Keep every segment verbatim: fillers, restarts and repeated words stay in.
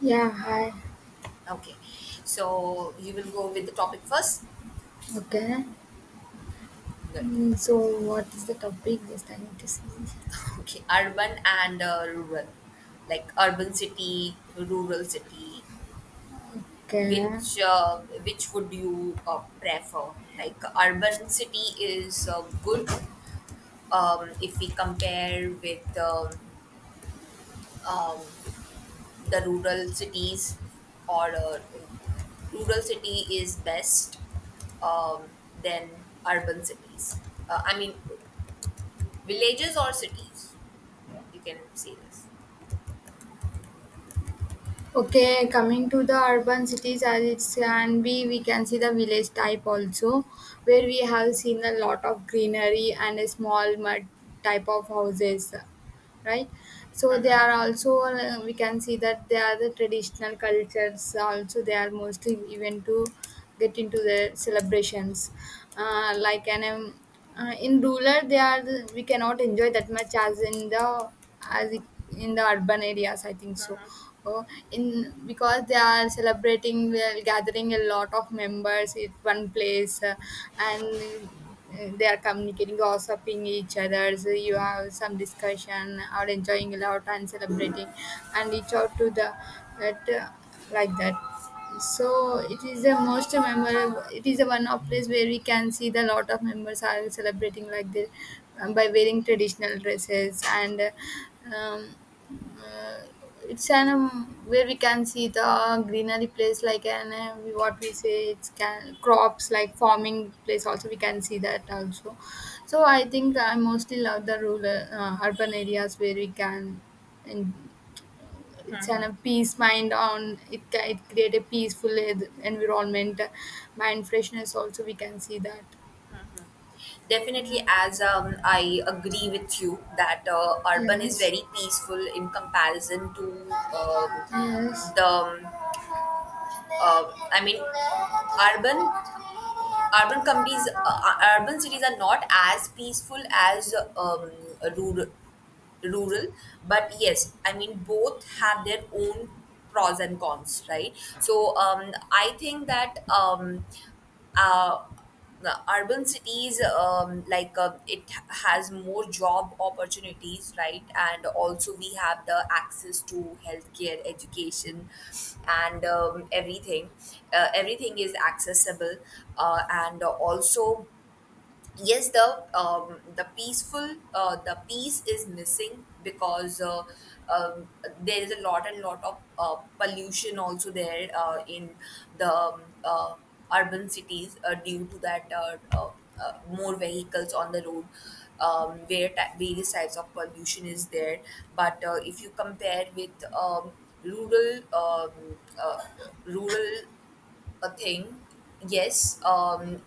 Yeah, hi. Okay, so you will go with the topic first. Okay. Good. Mm, So, what is the topic? Just I need to see. Okay, urban and uh, rural, like urban city, rural city. Okay. Which uh, which would you uh, prefer? Like urban city is uh, good um, if we compare with um, um, the rural cities, or uh, rural city is best um, than urban cities. Uh, I mean, villages or cities you can say this Okay, coming to the urban cities, as it can be, we can see the village type also, where we have seen a lot of greenery and a small mud type of houses. Right, so they are also uh, we can see that they are the traditional cultures also, they are mostly even to get into the celebrations, uh, like an um, uh, in rural they are the, we cannot enjoy that much as in the as it- in the urban areas, I think so. Oh, in because they are celebrating, well, gathering a lot of members at one place, uh, and uh, they are communicating, gossiping each other. So you have some discussion or enjoying a lot and celebrating, and reach out to the that uh, like that. So it is the most memorable. It is the one of place where we can see the lot of members are celebrating like this, um, by wearing traditional dresses and. Uh, um, uh, it's an um, Where we can see the greenery place like an uh, we- what we say it's can, crops like farming place also we can see that also. So I think I mostly love the rural uh, urban areas where we can and uh, it's an a peace mind on it ca- it create a peaceful en- environment, mind freshness also we can see that. definitely Yeah. as um, I agree with you that uh, urban is Yes. very peaceful in comparison to um, Yes. the um, uh, i mean urban urban companies uh, uh, urban cities are not as peaceful as um, rural rural but yes I mean both have their own pros and cons, right? So um, I think that um, uh, the urban cities, um, like uh, it has more job opportunities, right? And also we have the access to healthcare, education and um, everything. uh, everything is accessible, uh, and also yes, the um, the peaceful uh, the peace is missing because uh, um, there is a lot and lot of uh, pollution also there, uh, in the um, uh, urban cities uh, due to that, uh, uh, uh, more vehicles on the road, um, where ta- various types of pollution is there. But uh, if you compare with um, rural um, uh, rural a thing, yes um,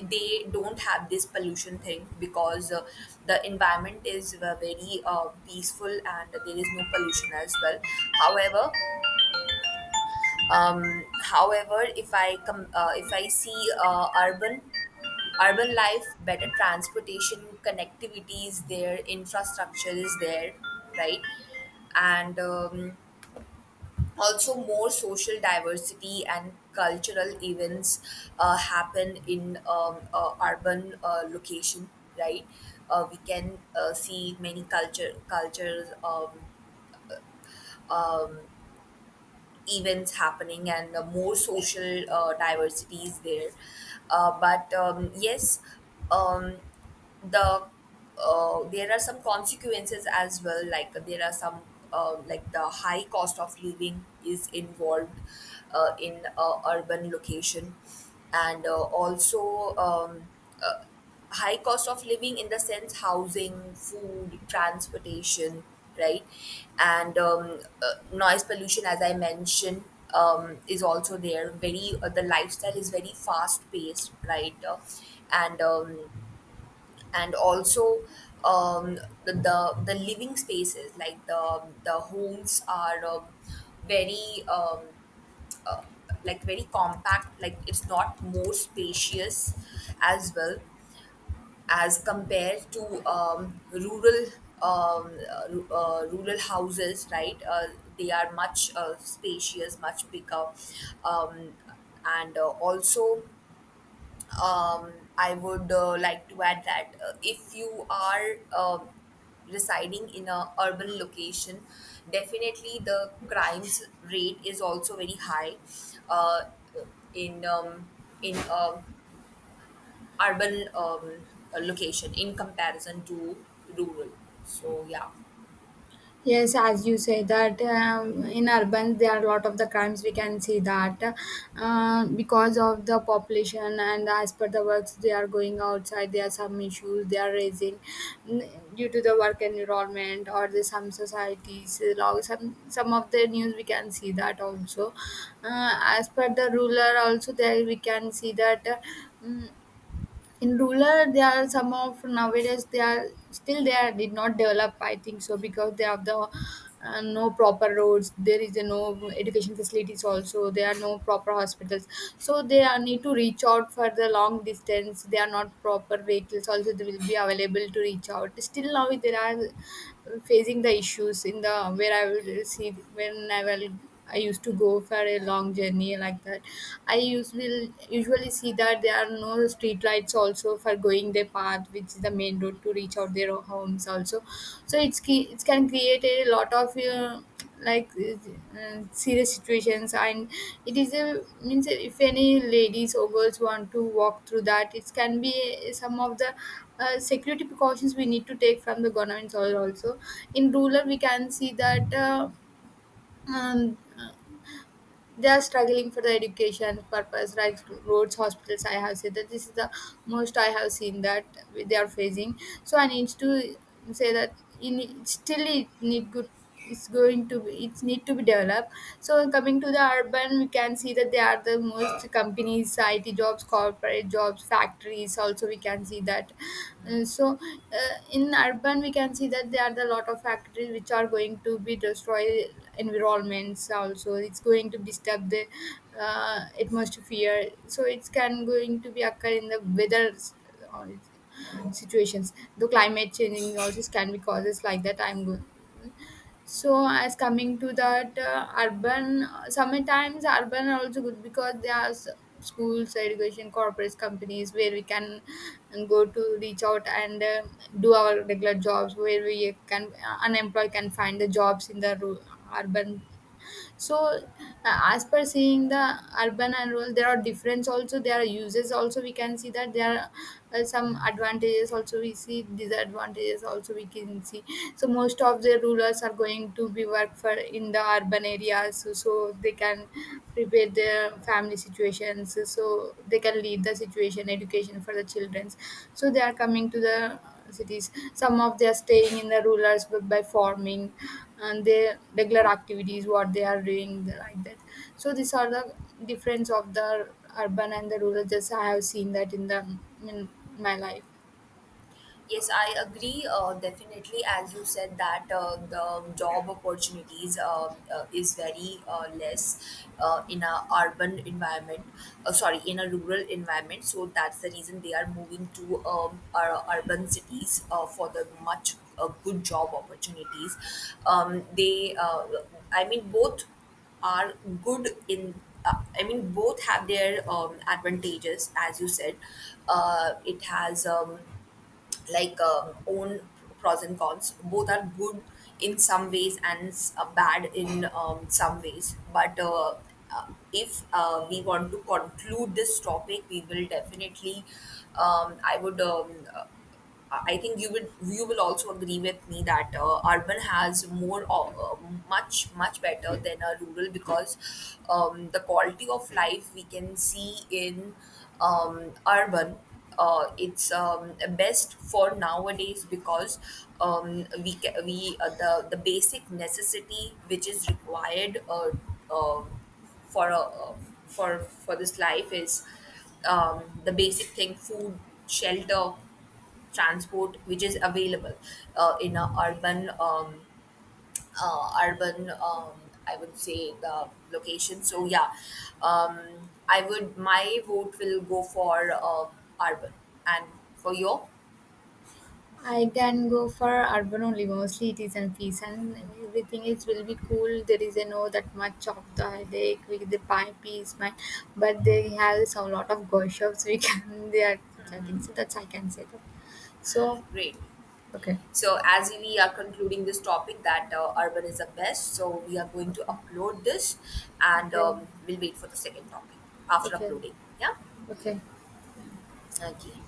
they don't have this pollution thing because uh, the environment is uh, very uh, peaceful and there is no pollution as well. However um however, if I come uh, if I see uh, urban urban life, better transportation connectivity is there, infrastructure is there, right? And um, also more social diversity and cultural events uh, happen in um, uh, urban uh, location, right? uh, we can uh, see many culture cultures um, events happening and uh, more social uh, diversity is there. Uh, but um, yes, um, the uh, there are some consequences as well. Like there are some uh, like the high cost of living is involved uh, in uh, urban location, and uh, also um, uh, high cost of living in the sense housing, food, transportation, right? And um, uh, noise pollution, as I mentioned, um, is also there. Very uh, the lifestyle is very fast paced, right? Uh, and um, and also um, the, the the living spaces, like the the homes are um, very um, like very compact. Like it's not more spacious as well as compared to um, rural um, uh, ru- uh, rural houses, right? Uh, they are much uh, spacious, much bigger, um, and uh, also um, I would uh, like to add that uh, if you are um residing in a urban location, definitely the crimes rate is also very high. Uh, in um, in a urban um, uh, location in comparison to rural. So yeah, Yes, as you say that um, in urban there are a lot of the crimes we can see that, uh, because of the population and as per the works they are going outside, there are some issues they are raising, mm, due to the work environment or the some societies, uh, law- some some of the news we can see that also. Uh, as per the ruler also, there we can see that, uh, mm, in rural there are some of nowadays they are still they are did not develop, I think so, because they have the uh, no proper roads, there is a no education facilities also, there are no proper hospitals, so they are need to reach out for the long distance, they are not proper vehicles also they will be available to reach out. Still now there are facing the issues in the where I will see when I will I used to go for a long journey like that. I usually usually see that there are no street lights also for going their path, which is the main road to reach out their homes also. So it's ki- it can create a lot of uh, like uh, serious situations, and it is a means if any ladies or girls want to walk through that, it can be some of the uh, security precautions we need to take from the government also. In rural, we can see that. Uh, um, they are struggling for the education purpose like roads, hospitals. I have said that this is the most I have seen that they are facing, so I need to say that in still it need good, it's going to be it's need to be developed. So coming to the urban, we can see that they are the most companies, IT jobs, corporate jobs, factories also we can see that. Uh, so uh, in urban we can see that there are the lot of factories which are going to be destroyed environments also, it's going to disturb the uh, atmosphere, so it can going to be occur in the weather s- uh, situations, the climate changing also can be causes like that, I'm good. So as coming to that uh, urban, uh, sometimes urban are also good because there are s- schools, education, corporate companies where we can uh, go to reach out and uh, do our regular jobs where we can, uh, unemployed can find the jobs in the ru- urban. So uh, as per seeing the urban and rural, there are difference also, there are uses also we can see, that there are uh, some advantages also we see, disadvantages also we can see. So most of the rulers are going to be work for in the urban areas, so, so they can prepare their family situations, so they can lead the situation, education for the children, so they are coming to the cities. Some of they are staying in the rural areas by by farming and their regular activities, what they are doing like that. So these are the difference of the urban and the rural. Just I have seen that in the in my life. yes, I agree. Uh, definitely, as you said, that uh, the job opportunities um uh, is very uh, less uh, in a urban environment. Uh, sorry, in a rural environment. So that's the reason they are moving to um, our urban cities uh, for the much uh, good job opportunities. Um, they, uh, I mean, both are good in uh, I mean both have their um, advantages. As you said, uh, it has um, like um, own pros and cons. Both are good in some ways and s- uh, bad in um, some ways, but uh, uh, if uh, we want to conclude this topic, we will definitely um, I would um, uh, I think you would you will also agree with me that uh, urban has more uh, much much better than a rural, because um, the quality of life we can see in um, urban, uh, it's um, best for nowadays because um, we ca- we uh, the the basic necessity which is required uh, uh, for a uh, for for this life is um, the basic thing, food, shelter, transport, which is available uh, in a urban um, uh, urban, um, I would say, the location. So yeah, um, I would my vote will go for uh, urban. And for your I can go for urban only. Mostly it is in peace and everything is will be cool. There is a no that much of the headache with the pipe is mine, but they have some lot of gossips. We can they are chatting. So that's I can say that. So great. okay. So as we are concluding this topic that uh, urban is the best, so we are going to Okay. upload this, and Okay. um, we'll wait for the second topic after Okay. uploading. Yeah, Okay. okay.